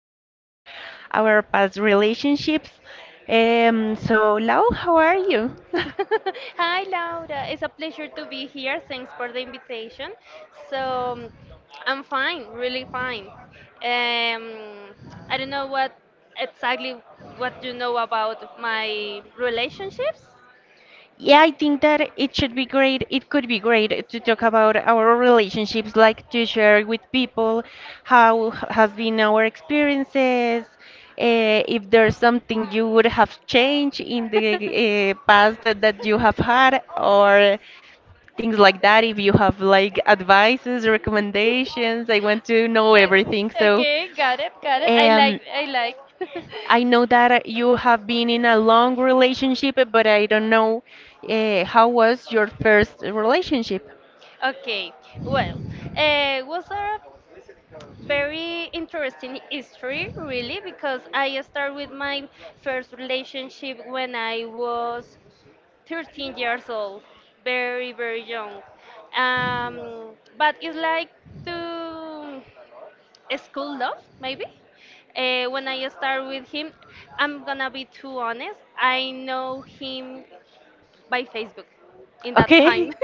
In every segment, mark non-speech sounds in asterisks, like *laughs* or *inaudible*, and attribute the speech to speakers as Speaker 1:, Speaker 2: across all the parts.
Speaker 1: sharing about our past relationships. So, Lau, how are you? *laughs*
Speaker 2: *laughs* Hi, Laura. It's a pleasure to be here. Thanks for the invitation. So, um, I'm fine, really fine. Um, I don't know what exactly what you know about my relationships.
Speaker 1: Yeah, I think that it should be great. It could be great to talk about our relationships, like to share with people how has been our experiences, if
Speaker 2: *laughs*
Speaker 1: there's something you would have changed in the past that you have had, or things like that. If you have like advices, recommendations, I want to know everything. So,
Speaker 2: Okay, got it, got it. I
Speaker 1: um,
Speaker 2: like, I like. *laughs*
Speaker 1: I know that you have been in a long relationship, but I don't know how was your first relationship.
Speaker 2: Okay, well, was there very interesting history really because I started with my first relationship when I was 13 years old, very very young. But it's like, to a school love maybe. When I start with him, I'm gonna be too honest, I know him by Facebook in that time.
Speaker 1: Okay.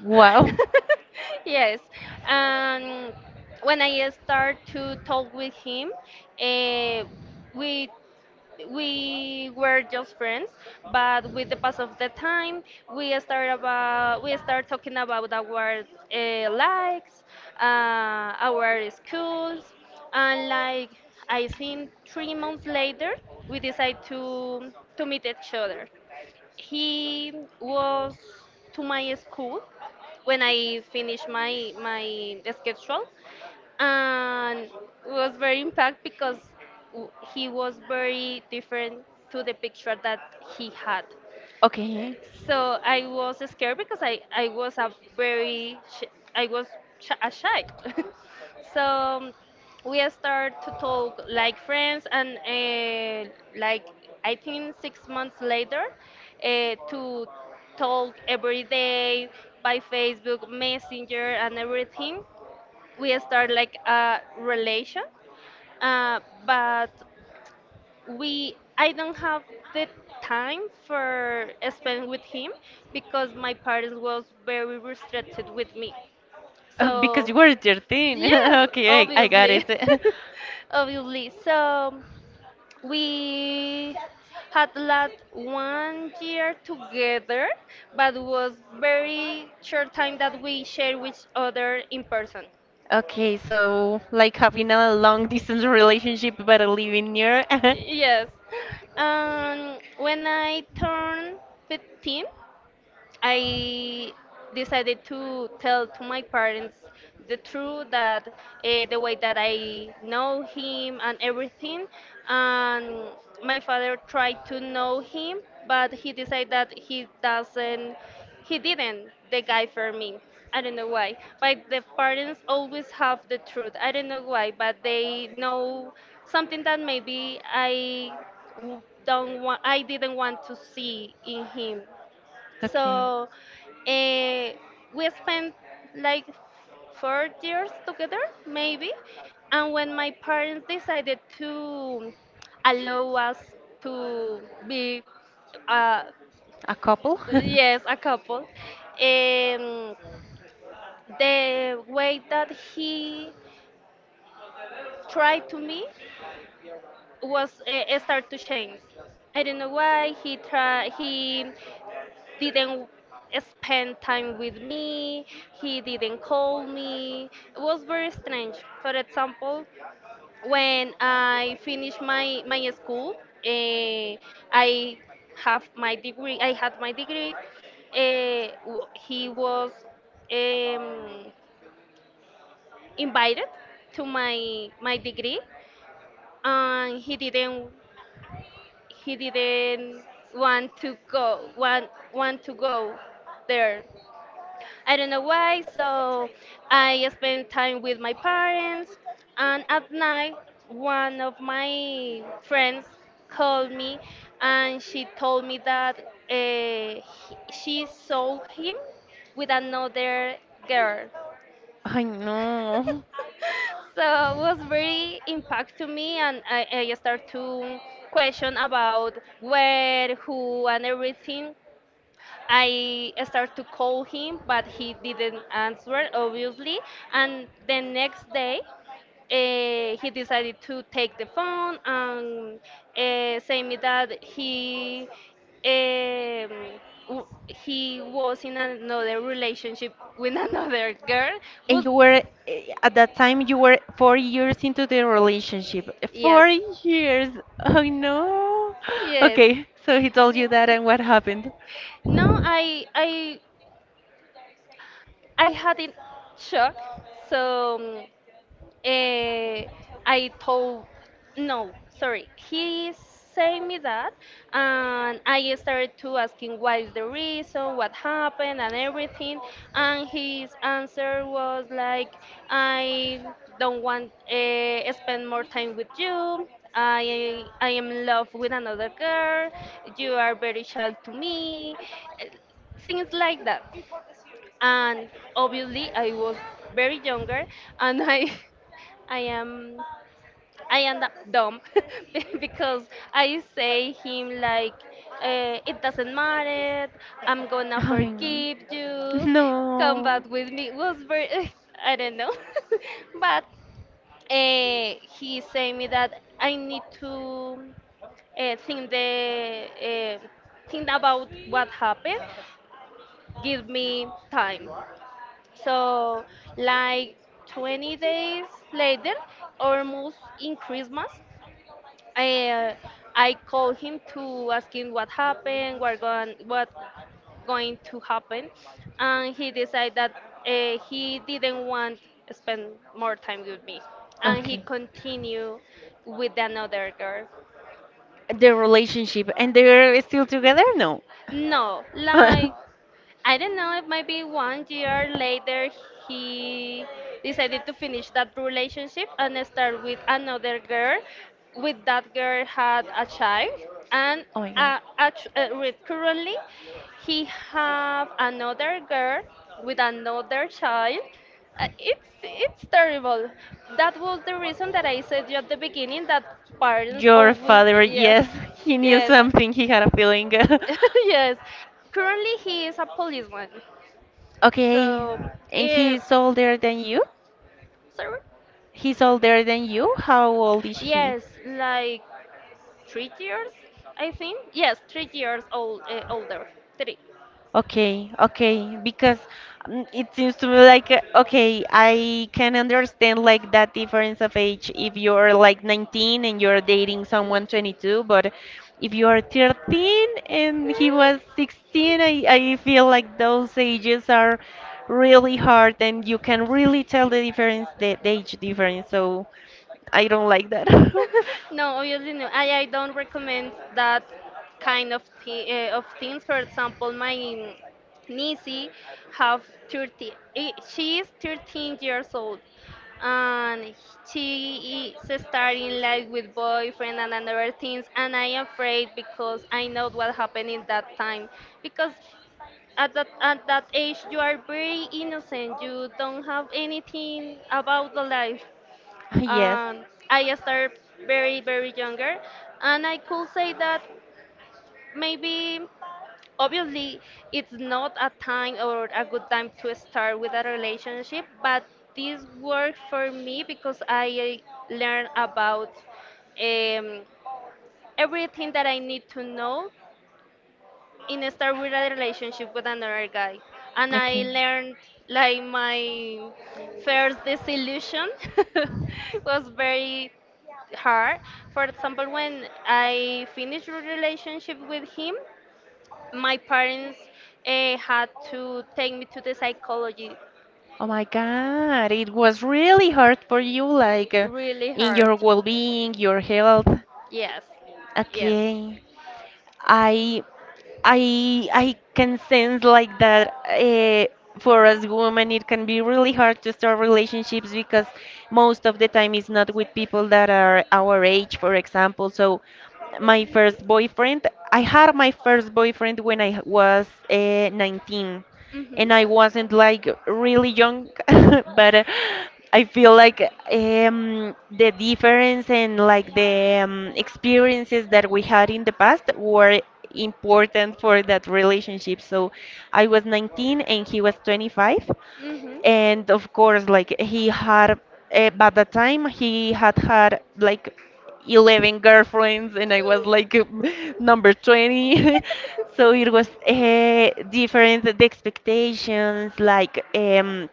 Speaker 1: *laughs* Wow.
Speaker 2: *laughs* Yes. And when I start to talk with him, eh, we we were just friends, but with the pass of the time, we start talking about our likes, our schools, and like I think 3 months later, we decide to meet each other. He was to my school when I finished my schedule, and was very impact because he was very different to the picture that he had.
Speaker 1: Okay.
Speaker 2: So I was scared because I was a very sh- I was sh- a shy. *laughs* So we start to talk like friends, and like I think 6 months later, to talk every day by Facebook Messenger and everything. We start like a relation, uh, but we I don't have the time for spend with him because my parents was very restricted with me.
Speaker 1: Because
Speaker 2: So
Speaker 1: you were 13.
Speaker 2: yes,
Speaker 1: *laughs* Okay, I got
Speaker 2: obviously,
Speaker 1: it. *laughs*
Speaker 2: *laughs* obviously. So we had last one year together, but was very short time that we share with other in person.
Speaker 1: Okay, so like having a long distance relationship but living near. *laughs*
Speaker 2: Yes. When I turned 15, I decided to tell to my parents the truth that the way that I know him and everything. And my father tried to know him, but he decided that he didn't the guy for me. I don't know why, but the parents always have the truth. I don't know why, but they know something that maybe don't want, I didn't want to see in him.
Speaker 1: Okay.
Speaker 2: So uh, we spent like 4 years together, maybe. And when my parents decided to allow us to be, uh,
Speaker 1: A couple? *laughs*
Speaker 2: yes, a couple, um, the way that he tried to me was start to change. I don't know why he tried. He didn't spend time with me, he didn't call me. It was very strange. For example, when I finished my school, eh, I have my degree. I had my degree. He was um, invited to my degree, and he didn't want to go want want to go there, I don't know why, so I spend time with my parents. And at night, one of my friends called me and she told me that uh, he- she saw him with another girl.
Speaker 1: I know.
Speaker 2: So it was very impact to me, and I start to question about where, who, and everything. I started to call him, but he didn't answer, obviously. And the next day, he decided to take the phone and say me that um, he was in another relationship with *laughs* another girl.
Speaker 1: And
Speaker 2: Was
Speaker 1: you were at that time, you were 4 years into the relationship.
Speaker 2: Yes,
Speaker 1: 4 years. Oh no.
Speaker 2: yes.
Speaker 1: Okay, so he told you that, and what happened?
Speaker 2: No, I had it shock. So Eh, I told, no, sorry. He said me that, and I started to asking what is the reason, what happened, and everything. And his answer was like, I don't want spend more time with you. I am in love with another girl. You are very shy to me. eh, Things like that, and obviously I was very younger, and I *laughs* I am I am that dumb *laughs* because I say him like it doesn't matter, I'm gonna
Speaker 1: Oh,
Speaker 2: forgive you, come
Speaker 1: no.
Speaker 2: back with me, was very. *laughs* I don't know, *laughs* but uh, he say me that I need to uh, think the uh, think about what happened, give me time. So, like 20 days later, almost in Christmas, I, I called him to ask him what happened, what going to happen, and he decided that he didn't want to spend more time with me, and he
Speaker 1: Okay.
Speaker 2: continued with another girl.
Speaker 1: The relationship, and they're still together? No.
Speaker 2: No, like I don't know, it might be one year later he decided to finish that
Speaker 1: *laughs*
Speaker 2: relationship and start with another girl. With that girl had a child and
Speaker 1: Oh my god.
Speaker 2: currently he have another girl with another child. It's terrible. That was the reason that I said you at the beginning that parents
Speaker 1: Your
Speaker 2: always.
Speaker 1: father,
Speaker 2: Yes,
Speaker 1: yes, he knew
Speaker 2: yes,
Speaker 1: something, he had a feeling. *laughs*
Speaker 2: *laughs* yes. Currently he is a policeman.
Speaker 1: Okay,
Speaker 2: So,
Speaker 1: and
Speaker 2: eh,
Speaker 1: he's older than you?
Speaker 2: sorry?
Speaker 1: He's older than you? How old is he?
Speaker 2: Yes, like 3 years, I think. Yes, 3 years old, older. Three.
Speaker 1: Okay, okay, because it seems to me like okay, I can understand like that difference of age if you're like 19 and you're dating someone 22, but if you are 13 and he
Speaker 2: Yes.
Speaker 1: was 16, I feel like those ages are really hard and you can really tell the difference, the age difference. So I don't like that. *laughs*
Speaker 2: *laughs* No, obviously no. I don't recommend that kind of things. For example, my Nisi have 30, she is 13 years old and she is starting life with boyfriend and other things, and I am afraid because I know what happened in that time because at that age you are very innocent, you don't have anything about the life,
Speaker 1: Yes.
Speaker 2: and I started very very younger, and I could say that maybe, obviously, it's not a time or a good time to start with a relationship, but this worked for me because I learned about um, everything that I need to know in a start with a relationship with another guy. And I
Speaker 1: Okay.
Speaker 2: learned like my first disillusion *laughs* was very hard. For example, when I finished a relationship with him, my parents had to take me to the psychology.
Speaker 1: Oh my God, it was really hard for you, like
Speaker 2: Really
Speaker 1: in
Speaker 2: hard.
Speaker 1: your well-being, your health.
Speaker 2: Yes, yes.
Speaker 1: Okay. I I can sense like that for us women it can be really hard to start relationships because most of the time it's not with people that are our age, for example. So my first boyfriend, I had my first boyfriend when I was 19
Speaker 2: Hmm.
Speaker 1: and I wasn't like really young, *laughs* but I feel like the difference and like the experiences that we had in the past were important for that relationship. So I was 19 and he was 25,
Speaker 2: Mhm.
Speaker 1: and of course like he had, by the time he had had like 11 girlfriends and I was like *laughs* number 20. *laughs* So it was different the expectations, like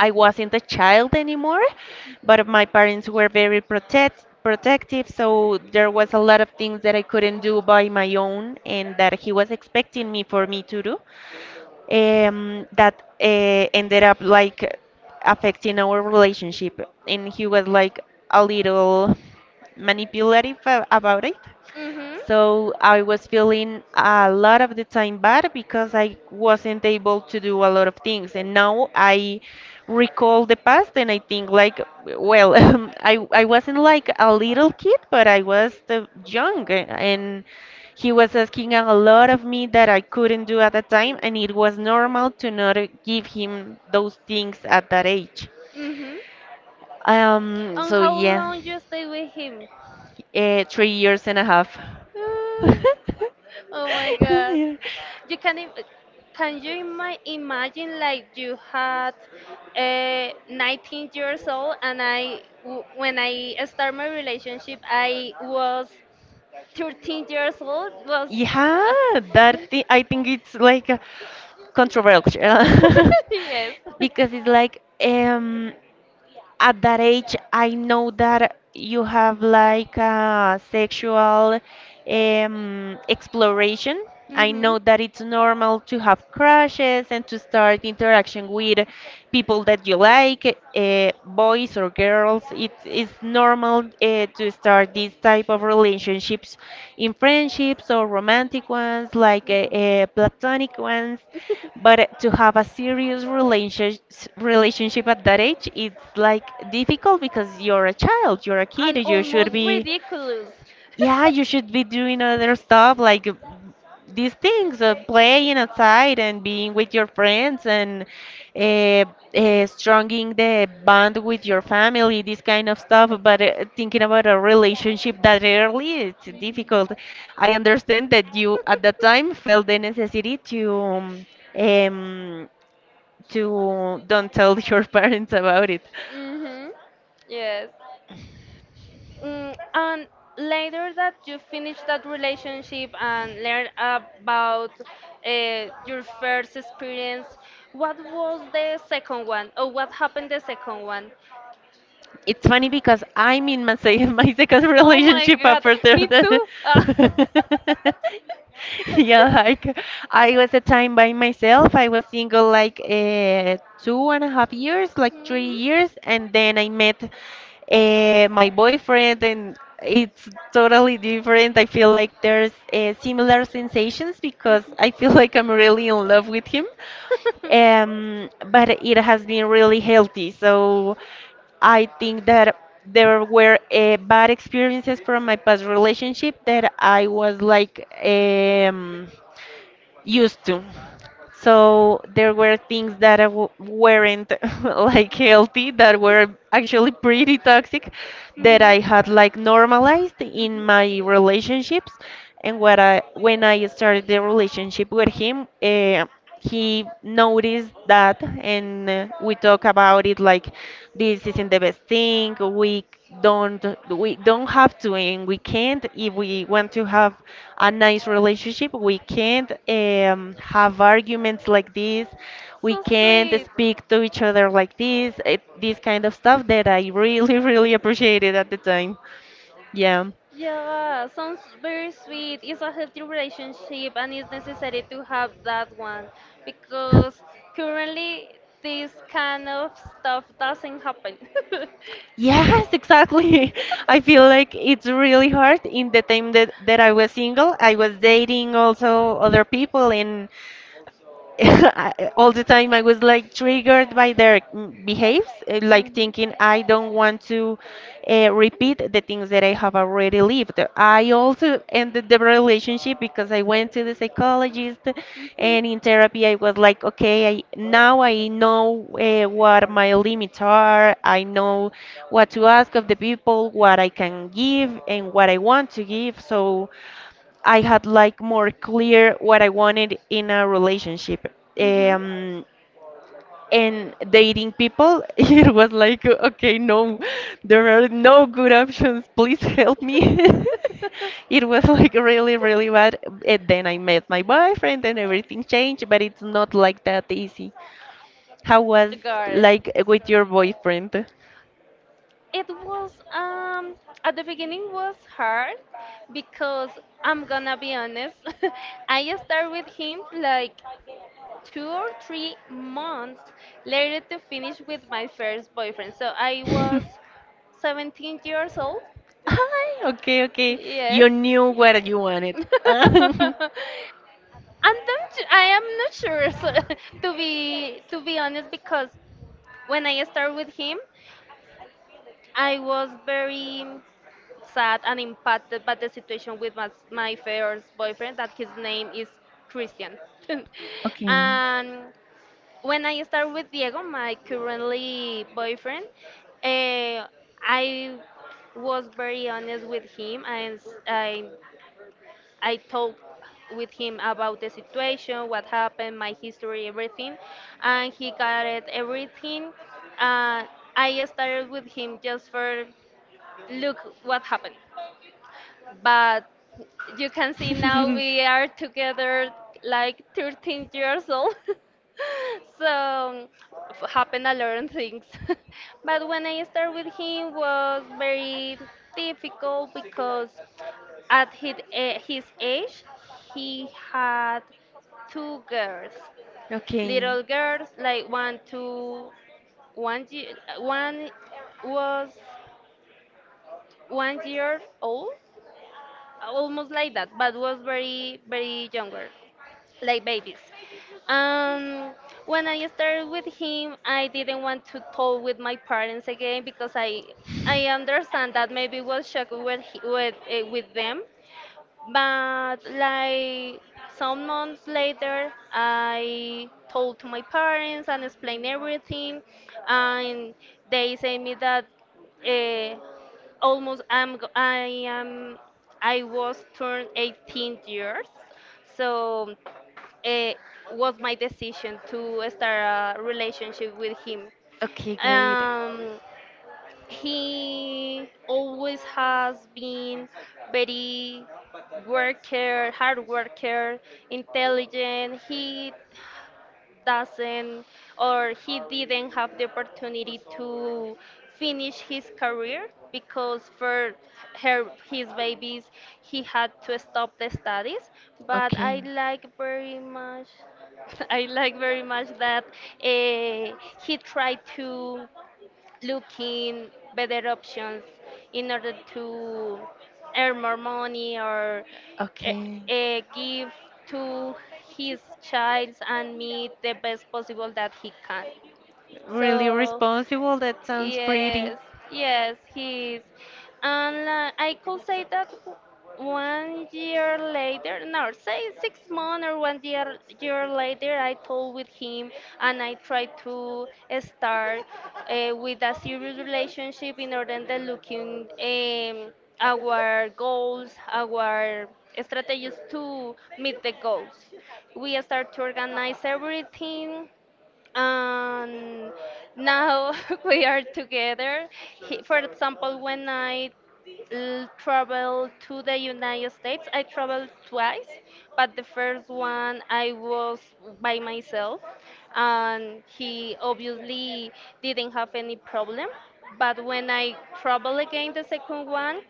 Speaker 1: I wasn't a child anymore, but my parents were very protective, so there was a lot of things that I couldn't do by my own and that he was expecting me for me to do, that ended up like affecting our relationship. And he was like a little manipulative about it.
Speaker 2: Mhm.
Speaker 1: So I was feeling a lot of the time bad because I wasn't able to do a lot of things. And now I recall the past and I think like, well, *laughs* I wasn't like a little kid, but I was the young and he was asking a lot of me that I couldn't do at the time. And it was normal to not give him those things at that age.
Speaker 2: Mhm.
Speaker 1: Um,
Speaker 2: And
Speaker 1: so
Speaker 2: how
Speaker 1: yeah.
Speaker 2: long you stay with him?
Speaker 1: Three years and a half.
Speaker 2: Uh,
Speaker 1: *laughs*
Speaker 2: Oh my God. You can im- can you imagine like you had 19 years old, and when I start my relationship I was 13 years old, was
Speaker 1: Yeah,
Speaker 2: uh,
Speaker 1: that I think it's like controversial,
Speaker 2: *laughs*
Speaker 1: *laughs*
Speaker 2: yes.
Speaker 1: because it's like at that age I know that you have like a sexual exploration. I
Speaker 2: Mhm.
Speaker 1: know that it's normal to have crushes and to start interaction with people that you like, boys or girls. It's normal, to start these type of relationships in friendships or romantic ones, like platonic ones. But to
Speaker 2: *laughs*
Speaker 1: have a serious relationship at that age, it's like difficult because you're a child, you're a kid,
Speaker 2: And
Speaker 1: you should
Speaker 2: almost
Speaker 1: be,
Speaker 2: ridiculous.
Speaker 1: yeah, you should be doing other stuff like these things, playing outside and being with your friends and uh, stronging the bond with your
Speaker 2: *laughs*
Speaker 1: family, this kind of stuff. But thinking about a relationship that early, it's difficult. I understand that you at that time felt the necessity um, to don't tell *laughs* your parents about it.
Speaker 2: Mhm. Yes. And later that you finish that relationship and learn about your first experience, what was the second one, or what happened the second one?
Speaker 1: It's funny because I'm in my, *laughs* my second
Speaker 2: Oh my
Speaker 1: relationship
Speaker 2: god,
Speaker 1: after
Speaker 2: me
Speaker 1: the.
Speaker 2: too. Ah.
Speaker 1: *laughs* Yeah, like I was a time by myself. I was single like
Speaker 2: *laughs*
Speaker 1: 2.5 years, like 3 years, and then I met my boyfriend, and it's totally different. I feel like there's similar sensations because I feel *laughs* like I'm really in love with him, but it has been really healthy. So I think that there were bad experiences from my past relationship that I was like,
Speaker 2: *laughs*
Speaker 1: used to. So there were things that I weren't *laughs* like healthy, that were actually pretty toxic, that I had like normalized in my
Speaker 2: in
Speaker 1: relationships. And what I when I started the relationship with him, he noticed that, and we talk about it like, this isn't the best thing, we don't have to, and we can't. If we want to have a nice relationship, we can't, have arguments like this, we
Speaker 2: So,
Speaker 1: can't speak to each other like this, this kind of stuff that I really *laughs* really appreciated at the time. Yeah.
Speaker 2: yeah, sounds very sweet. It's a healthy relationship and it's necessary to have that one because currently this kind of stuff doesn't happen.
Speaker 1: Yes, exactly. *laughs* I feel like it's really hard in the time that I was single. I was dating also other people, and *laughs* all the time I was
Speaker 2: *laughs*
Speaker 1: like triggered by their, behaves, like
Speaker 2: Mhm.
Speaker 1: thinking I don't want to repeat the things that I have already lived. I also ended the relationship because I went to the psychologist, and in therapy I was like, okay, now I know what my limits are. I know what to ask of the people, what I can give and what I want to give. So I had like more clear what I wanted in a relationship.
Speaker 2: Mhm. Mhm.
Speaker 1: Um, and dating people, *laughs* it was like, okay, no, there are no good options. Please help me. *laughs* It was like really, really bad.
Speaker 2: *laughs*
Speaker 1: And then I met my boyfriend and everything changed, but it's not like that easy. How was
Speaker 2: Got it.
Speaker 1: like with your boyfriend?
Speaker 2: It was at the beginning was hard because I'm gonna be honest. *laughs* I started with him like 2 or 3 months later to finish with my first boyfriend. So I was
Speaker 1: *laughs*
Speaker 2: 17 years old.
Speaker 1: Hi, okay, okay.
Speaker 2: Yes.
Speaker 1: You knew what you
Speaker 2: *laughs*
Speaker 1: wanted.
Speaker 2: I'm
Speaker 1: *laughs*
Speaker 2: not, I am not sure, so, *laughs* to be honest, because when I started with him, I was very sad and impacted by the situation with my first boyfriend that his name is Christian. *laughs*
Speaker 1: Okay.
Speaker 2: And when I started with Diego, my currently boyfriend, eh, I was very honest with him, and I I talked with him about the situation, what happened, my history, everything, and he got it everything. Uh, I started with him just for look what happened, but you can see now we are together like 13 years old. *laughs* So happen a lot of things. *laughs* But when I started with him was very difficult because at his age, he had two girls,
Speaker 1: Okay.
Speaker 2: little girls, like one, two, one was 1 year old, almost like that, but was very, very younger, like babies. Um, when I started with him, I didn't want to talk with my parents again because I understand that maybe was shocked with, he- with, eh, with them. But like some months later, I told to my parents and explained everything, and they say me that uh, almost I'm go- I am I was turned 18 years, so it was my decision to start a relationship with him.
Speaker 1: Okay, great.
Speaker 2: Um, he always has been very hard worker, intelligent. He doesn't or he didn't have the opportunity to finish his career because for her his babies he had to stop the studies, but I
Speaker 1: Okay.
Speaker 2: like very much. *laughs* I like very much that uh, he tried to looking better options in order to earn more money or
Speaker 1: Okay.
Speaker 2: give to his child and me the best possible that he can.
Speaker 1: Really
Speaker 2: So
Speaker 1: responsible. That sounds pretty.
Speaker 2: yes, yes, he is. And I could say that one year later, no, say 6 months or one year later, I told with him, and I tried to start with a serious relationship in order to looking our goals, our strategies to meet the goals. We start to organize everything and now *laughs* we are together. He, for example, when I traveled to the United States, I traveled twice, but the first one I was by myself, and he obviously didn't have any problem. But when I travel again, the second one,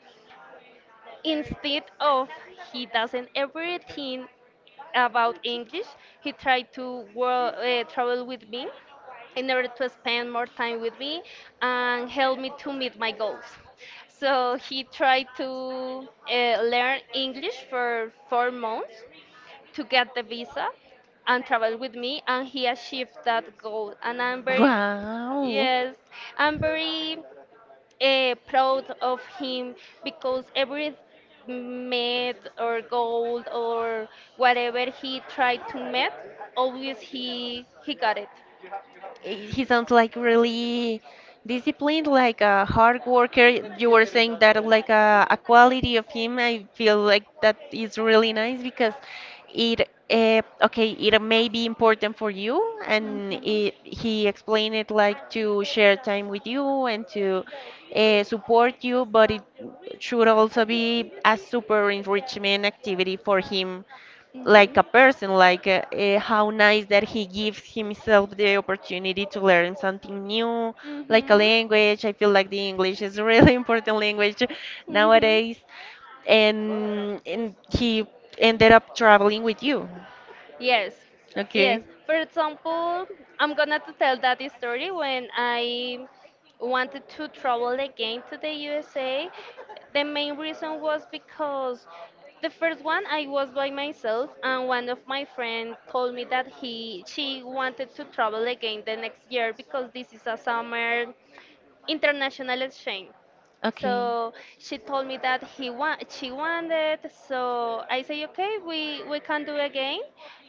Speaker 2: instead of he doesn't everything about English. He tried to travel with me in order to spend more time with me and help me to meet my goals. So he tried to learn English for 4 months to get the visa and travel with me, and he achieved that goal. And I'm very,
Speaker 1: Wow.
Speaker 2: yes, I'm very proud of him because every met or goal or whatever he tried to met, always he got it.
Speaker 1: He sounds like really disciplined, like a hard worker. You were saying that, like a quality of him. I feel like that is really nice because it, okay, it may be important for you, and he explained it like to share time with you and to support you, but it should also be a super enrichment activity for him,
Speaker 2: Mhm.
Speaker 1: like a person, like how nice that he gives himself the opportunity to learn something new,
Speaker 2: Mhm.
Speaker 1: like a
Speaker 2: Mhm.
Speaker 1: language. I feel like the English is a really *laughs* important language
Speaker 2: Mhm.
Speaker 1: nowadays, and he ended up traveling with you.
Speaker 2: Yes, yes.
Speaker 1: Okay,
Speaker 2: For example, I'm gonna to tell that story when I wanted to travel again to the USA. The main reason was because the first one I was by myself, and one of my friends told me that he she wanted to travel again the next year because this is a summer international exchange.
Speaker 1: okay,
Speaker 2: So she told me that she wanted. So I say, okay, we can do again.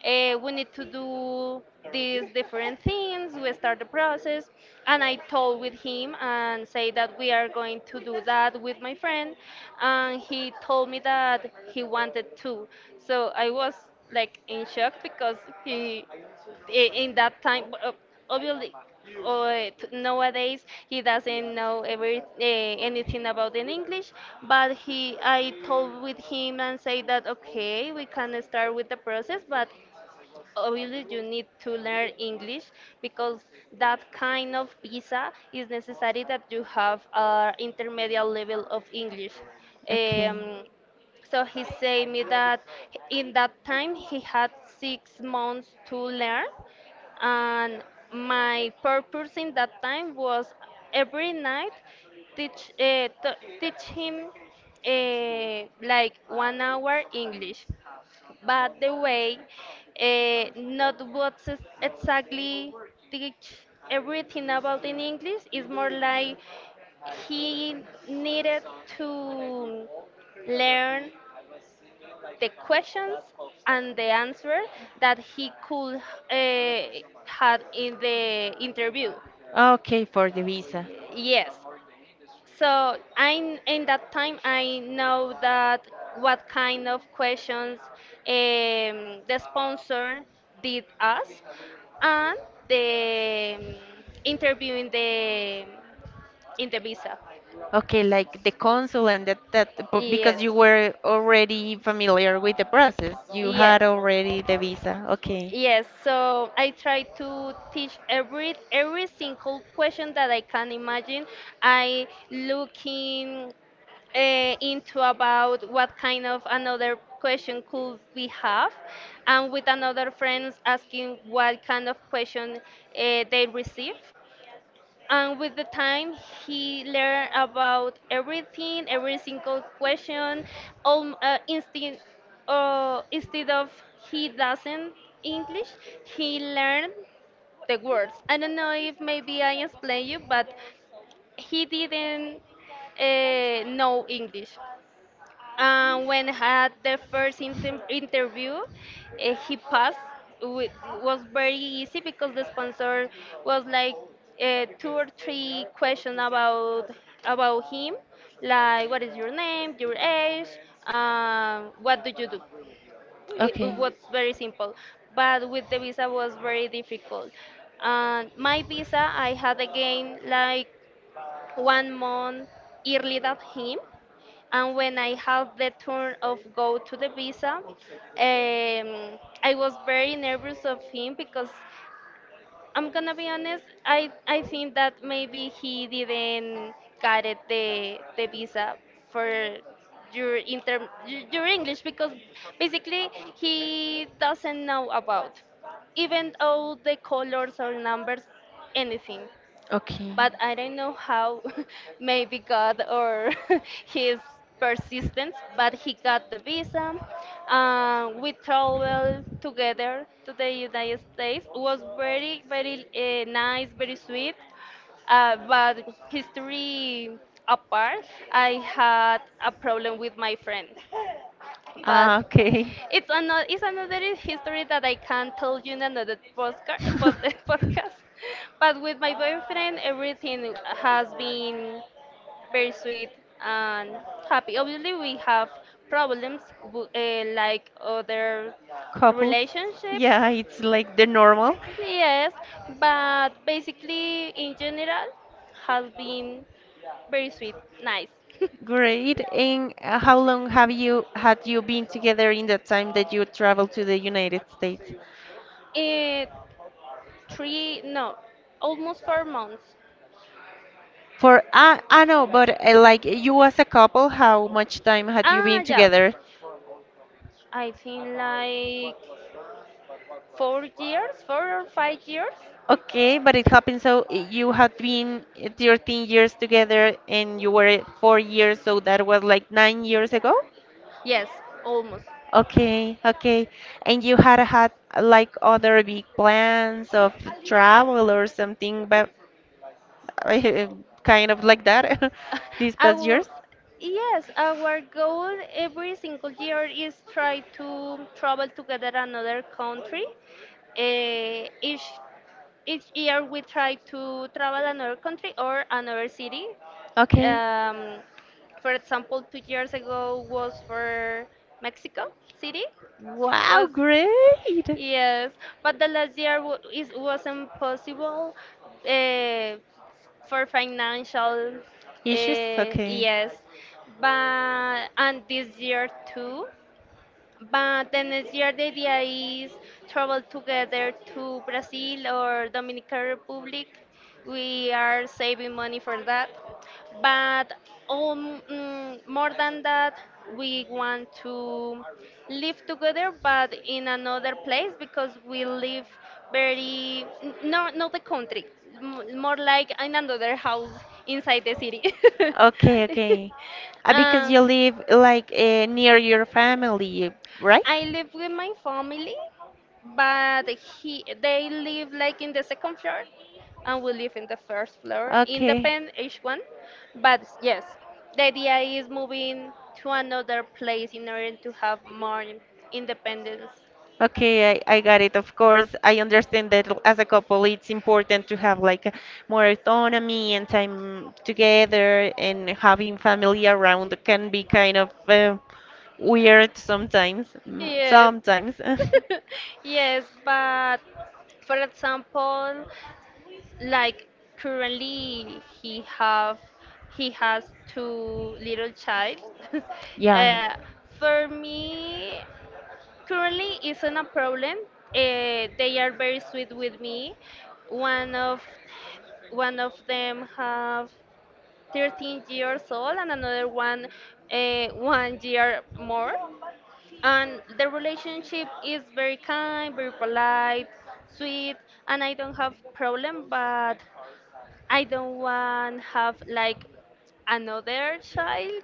Speaker 2: We need to do these different things. We start the process, and I told with him and say that we are going to do that with my friend, and he told me that he wanted to. So I was like in shock because he in that time obviously uh, nowadays he doesn't know every anything about in english but he I told with him and say that okay we can start with the process but obviously you need to learn English because that kind of visa is necessary that you have an intermediate level of English.
Speaker 1: okay,
Speaker 2: Um, so he said me that in that time he had 6 months to learn, and my purpose in that time was every night teach uh, t- teach him like 1 hour English but the way not what's exactly teach everything about in English is more like he needed to learn the questions and the answer that he could uh, had in the interview.
Speaker 1: okay for the visa.
Speaker 2: Yes, so I, in that time, I know that what kind of questions the sponsor did us, and the interview in the visa.
Speaker 1: Okay, like the consul and that, but because you
Speaker 2: Yes,
Speaker 1: were already familiar with the process, you had
Speaker 2: yes,
Speaker 1: already the visa. Okay.
Speaker 2: yes. So I try to teach every single question that I can imagine. I looking uh, into about what kind of another question could we have and with another friends asking what kind of question they receive and with the time he learned about everything every single question um, uh, instead, instead of he doesn't english he learned the words. I don't know if maybe I explain you but he didn't know english when had the interview, he passed. It was very easy because the sponsor was like two or three questions about him, like what is your name, your age, what do you do. It
Speaker 1: Okay.
Speaker 2: was very simple, but with the visa was very difficult. And my visa, I had again like 1 month early than him, and when I had the turn of go to the visa, I was very nervous of him because I'm gonna be honest, I think that maybe he didn't get it the visa for your English because basically he doesn't know about even though the colors or numbers anything,
Speaker 1: Okay.
Speaker 2: but I don't know how *laughs* maybe God or *laughs* his persistence, but he got the visa. We traveled together to the United States. It was very, very nice, very sweet. But history apart, I had a problem with my friend, but
Speaker 1: Ah,
Speaker 2: it's another history that I
Speaker 1: okay.
Speaker 2: can't tell you in another postcard, *laughs*
Speaker 1: *laughs*
Speaker 2: podcast. But with my boyfriend, everything has been very sweet and happy. Obviously, we have problems like other
Speaker 1: Couples.
Speaker 2: relationships.
Speaker 1: Yeah, it's like the normal.
Speaker 2: Yes, but basically, in general, has been very sweet, nice. *laughs*
Speaker 1: Great. And how long have you had you been together in the time that you traveled to the United States?
Speaker 2: Eh, three, no, almost 4 months.
Speaker 1: For I know, but like you as a couple, how much time had you
Speaker 2: Ah,
Speaker 1: been
Speaker 2: yeah.
Speaker 1: together?
Speaker 2: I think like 4 years, 4 or 5 years.
Speaker 1: Okay, but it happened so you had been 13 years together and you were 4 years, so that was like 9 years ago?
Speaker 2: Yes, almost.
Speaker 1: Okay, okay. And you had had like other big plans of travel or something, but *laughs* uh, kind of like that, *laughs* these
Speaker 2: *laughs*
Speaker 1: past
Speaker 2: Our
Speaker 1: years?
Speaker 2: yes, our goal every single year is try to travel together another country. Eh, each year we try to travel another country or another city.
Speaker 1: Okay.
Speaker 2: Um, for example, 2 years ago was for Mexico City.
Speaker 1: Wow,
Speaker 2: Was
Speaker 1: great.
Speaker 2: Yes, but the last year wa- is wasn't possible uh, for financial.
Speaker 1: Issues? Okay.
Speaker 2: Yes, but and this year too. But the next year, the idea is travel together to Brazil or Dominican Republic. We are saving money for that. But more than that, we want to live together, but in another place because we live very n- no not the country, more like in another house inside the city.
Speaker 1: Okay, okay. Uh,
Speaker 2: *laughs*
Speaker 1: because
Speaker 2: uh,
Speaker 1: you live like near your family, right?
Speaker 2: I live with my family, but he they live like in the second floor, and we live in the first floor.
Speaker 1: Okay.
Speaker 2: Independent each one, but yes, the idea is moving to another place in order to have more independence.
Speaker 1: Okay, I got it. Of course, I understand that, as a couple, it's important to have like more autonomy and time together, and having family around can be kind of weird sometimes. Mm,
Speaker 2: Yes,
Speaker 1: sometimes. *laughs*
Speaker 2: *laughs* yes, but for example, like currently he have he has two little child. *laughs*
Speaker 1: Yeah.
Speaker 2: uh, for me currently isn't a problem. They are very sweet with me. one of One of them have 13 years old and another one 1 year more, and the relationship is very kind, very polite, sweet, and I don't have problem but I don't want have like another child.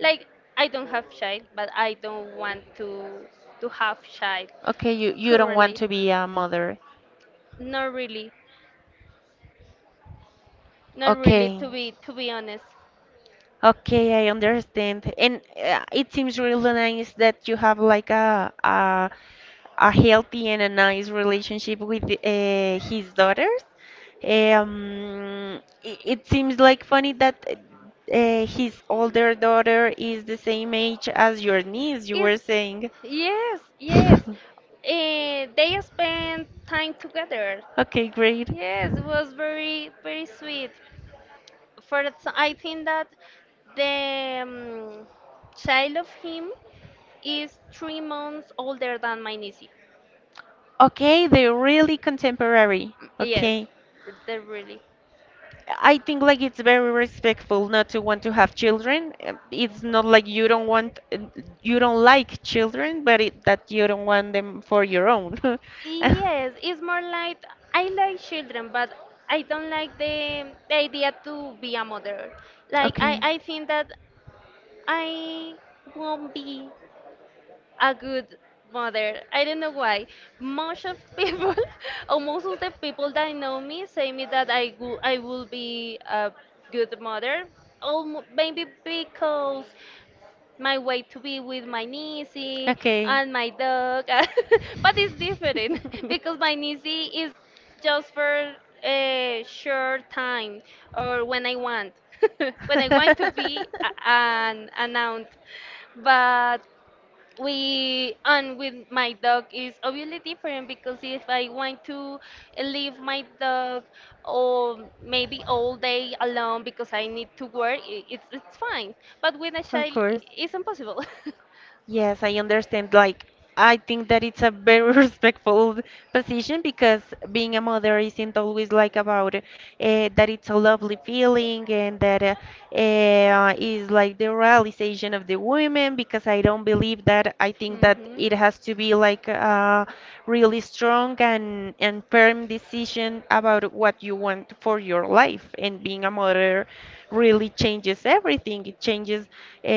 Speaker 2: Like I don't have child, but I don't want to have child
Speaker 1: Okay, you don't want
Speaker 2: currently.
Speaker 1: to be a mother.
Speaker 2: Not really. Not really
Speaker 1: Okay.
Speaker 2: to be honest.
Speaker 1: Okay, I understand. And it seems really nice that you have like a healthy and a nice relationship with his daughters. It seems like funny that his older daughter is the same age as your niece, you were
Speaker 2: Is
Speaker 1: saying. *laughs*
Speaker 2: yes, yes. Eh, they spend time together.
Speaker 1: Okay, great.
Speaker 2: Yes, it was very very sweet. I think that the child of him is 3 months older than my niece. Mm,
Speaker 1: Okay, they're really contemporary.
Speaker 2: Yes,
Speaker 1: Okay.
Speaker 2: they're really.
Speaker 1: I think like it's very respectful not to want to have children. It's not like you don't want, you don't like children, but that you don't want them for your own. *laughs*
Speaker 2: Yes, it's more like I like children, but I don't like the idea to be a mother. Like
Speaker 1: Okay.
Speaker 2: I think that I won't be a good mother. I don't know why. Most of people, *laughs* or most of the people that know me, say me that I will be a good mother. Or maybe because my way to be with my niece
Speaker 1: Okay.
Speaker 2: and my dog, *laughs* but it's different *laughs* because my niece is just for a short time or when I
Speaker 1: *laughs*
Speaker 2: want, *laughs* when I want to be an aunt.
Speaker 1: *laughs*
Speaker 2: But we and with my dog is obviously different because if I want to leave my dog or maybe all day alone because I need to work, it's fine. But with a
Speaker 1: Of
Speaker 2: child,
Speaker 1: course,
Speaker 2: it's impossible. *laughs*
Speaker 1: yes, I understand. Like, I think that it's a very *laughs* respectful position because being a mother isn't always like about that it's a lovely feeling and that is like the realization of the women because I don't believe that. I think that
Speaker 2: Hmm.
Speaker 1: it has to be like a really strong and firm decision about what you want for your life, and being a mother really changes everything. It changes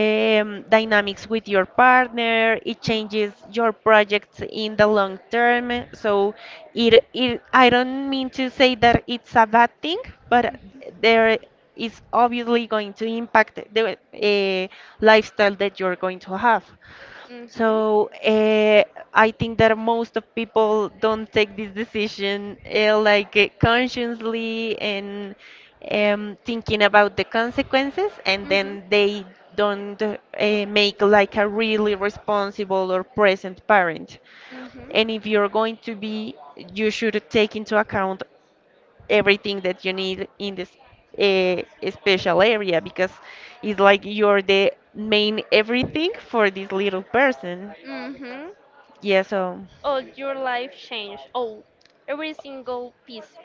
Speaker 1: dynamics with your partner. It changes your projects in the long term. So it I don't mean to say that it's a bad thing, but there is obviously going to impact the lifestyle that you're going to have.
Speaker 2: Mm. Mhm.
Speaker 1: So I think that most of people don't take this decision like
Speaker 2: Mhm.
Speaker 1: consciously and thinking about the consequences, and
Speaker 2: Mhm.
Speaker 1: then they don't make like a really responsible or present parent.
Speaker 2: Mhm.
Speaker 1: And if you're going to be, you should take into account everything that you need in this uh, special area, because it's like you're the main everything for this little person.
Speaker 2: Mhm.
Speaker 1: Yeah, so
Speaker 2: Oh, your life changed. Oh, every single piece.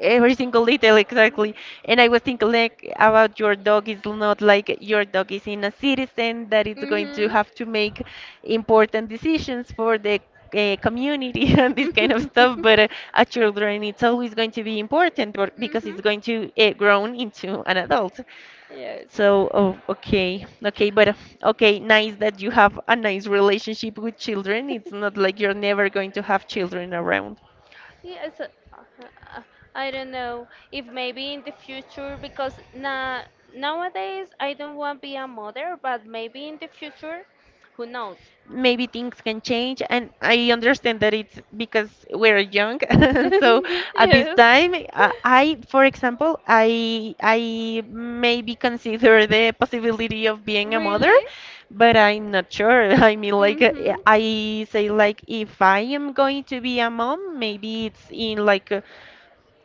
Speaker 1: every single detail, exactly. And I was thinking like, about your dog is not like, your dog is in a citizen that
Speaker 2: *laughs*
Speaker 1: it's going to
Speaker 2: Mhm.
Speaker 1: have to make important decisions for the community *laughs* and this kind of stuff. But a children, it's always going
Speaker 2: *laughs*
Speaker 1: to be important because
Speaker 2: Mm-hmm.
Speaker 1: it's going to grow into an adult.
Speaker 2: Yes.
Speaker 1: So, oh, okay, okay, but okay, nice that you have a nice relationship with children. It's not
Speaker 2: *laughs*
Speaker 1: like you're never going to have children around.
Speaker 2: Yes, uh, I don't know if maybe in the future because na nowadays I don't want to be a mother, but maybe in the future, who knows?
Speaker 1: Maybe things can change, and I understand that it's because we're young. *laughs*
Speaker 2: *laughs*
Speaker 1: So at this
Speaker 2: Yes.
Speaker 1: time, I, for example, I maybe consider the possibility of being a mother,
Speaker 2: Really?
Speaker 1: but I'm not sure. *laughs* I mean, like
Speaker 2: Mm-hmm.
Speaker 1: I say, like if I am going to be a mom, maybe it's in like.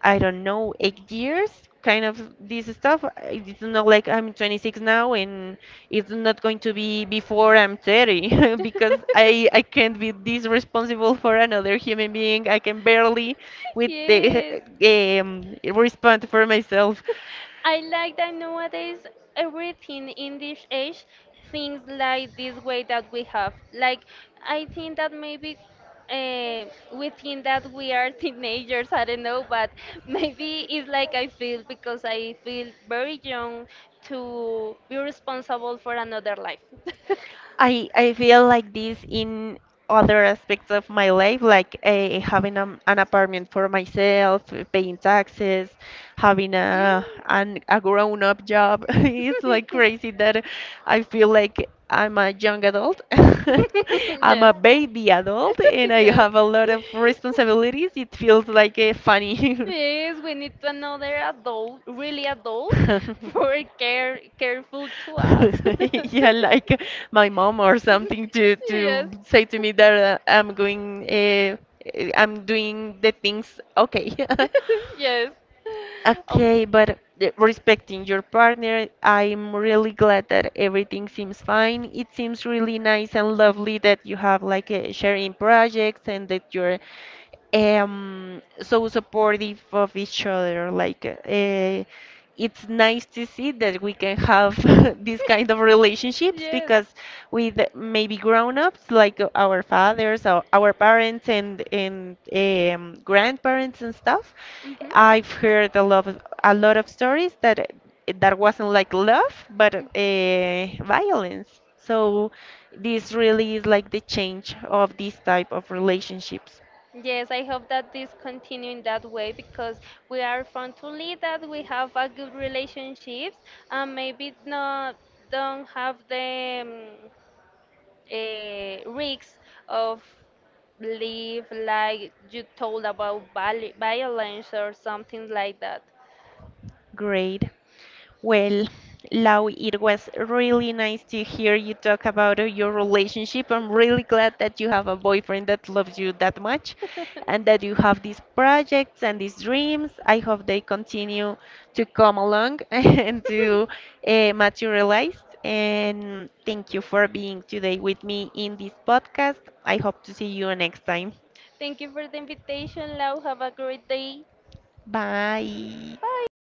Speaker 1: I don't know, 8 years, kind of this stuff. It's not like I'm 26 now, and it's not going to be before I'm 30 *laughs* because I can't be this responsible for another human being. I can barely
Speaker 2: *laughs*
Speaker 1: with the
Speaker 2: yes.
Speaker 1: *laughs* respond for myself.
Speaker 2: I like that nowadays everything in this age things like this way that we have. Like I think that maybe uh, we think that we are teenagers. I don't know, but *laughs* maybe it's like I feel because I feel very young to be responsible for another life. *laughs*
Speaker 1: I feel like this in other aspects of my life, like having an apartment for myself, paying taxes, having
Speaker 2: Mm.
Speaker 1: a grown-up job. *laughs* It's like crazy that I feel like I'm a young adult.
Speaker 2: *laughs* *laughs*
Speaker 1: *laughs* I'm
Speaker 2: yes.
Speaker 1: a baby adult, and
Speaker 2: *laughs*
Speaker 1: I
Speaker 2: yes.
Speaker 1: have a lot of responsibilities. It feels like funny.
Speaker 2: Yes, we need to another adult, really adult,
Speaker 1: *laughs* *laughs*
Speaker 2: *laughs* for careful to us.
Speaker 1: *laughs* Yeah,
Speaker 2: *laughs*
Speaker 1: like my mom or something to
Speaker 2: yes.
Speaker 1: say to me that I'm going, I'm doing the things okay. *laughs*
Speaker 2: *laughs* yes. Oh,
Speaker 1: Okay, but respecting your partner, I'm really glad that everything seems fine. It seems really nice and lovely that you have like a sharing projects and that you're so supportive of each other. Like it's nice to see that we can have *laughs* these kind of
Speaker 2: *laughs*
Speaker 1: relationships,
Speaker 2: Yes.
Speaker 1: because with maybe grown-ups like our fathers or our parents and grandparents and stuff,
Speaker 2: Mhm.
Speaker 1: I've heard a lot of stories that that wasn't like love but violence, so this really is like the change of this type of relationships.
Speaker 2: Yes, I hope that this continue in that way because we are fortunately that we have a good relationships and maybe not don't have the risks of live like you told about violence or something like that.
Speaker 1: Great. Well, Lau, it was really nice to hear you talk about your relationship. I'm really glad that you have a
Speaker 2: *laughs*
Speaker 1: boyfriend that loves you that much, and that you have these projects and
Speaker 2: *laughs*
Speaker 1: these dreams. I hope they continue to come along *laughs* and to materialize. And thank you for being today with me in this podcast. I hope to see you next time.
Speaker 2: Thank you for the invitation, Lau. Have a great day.
Speaker 1: Bye.
Speaker 2: Bye.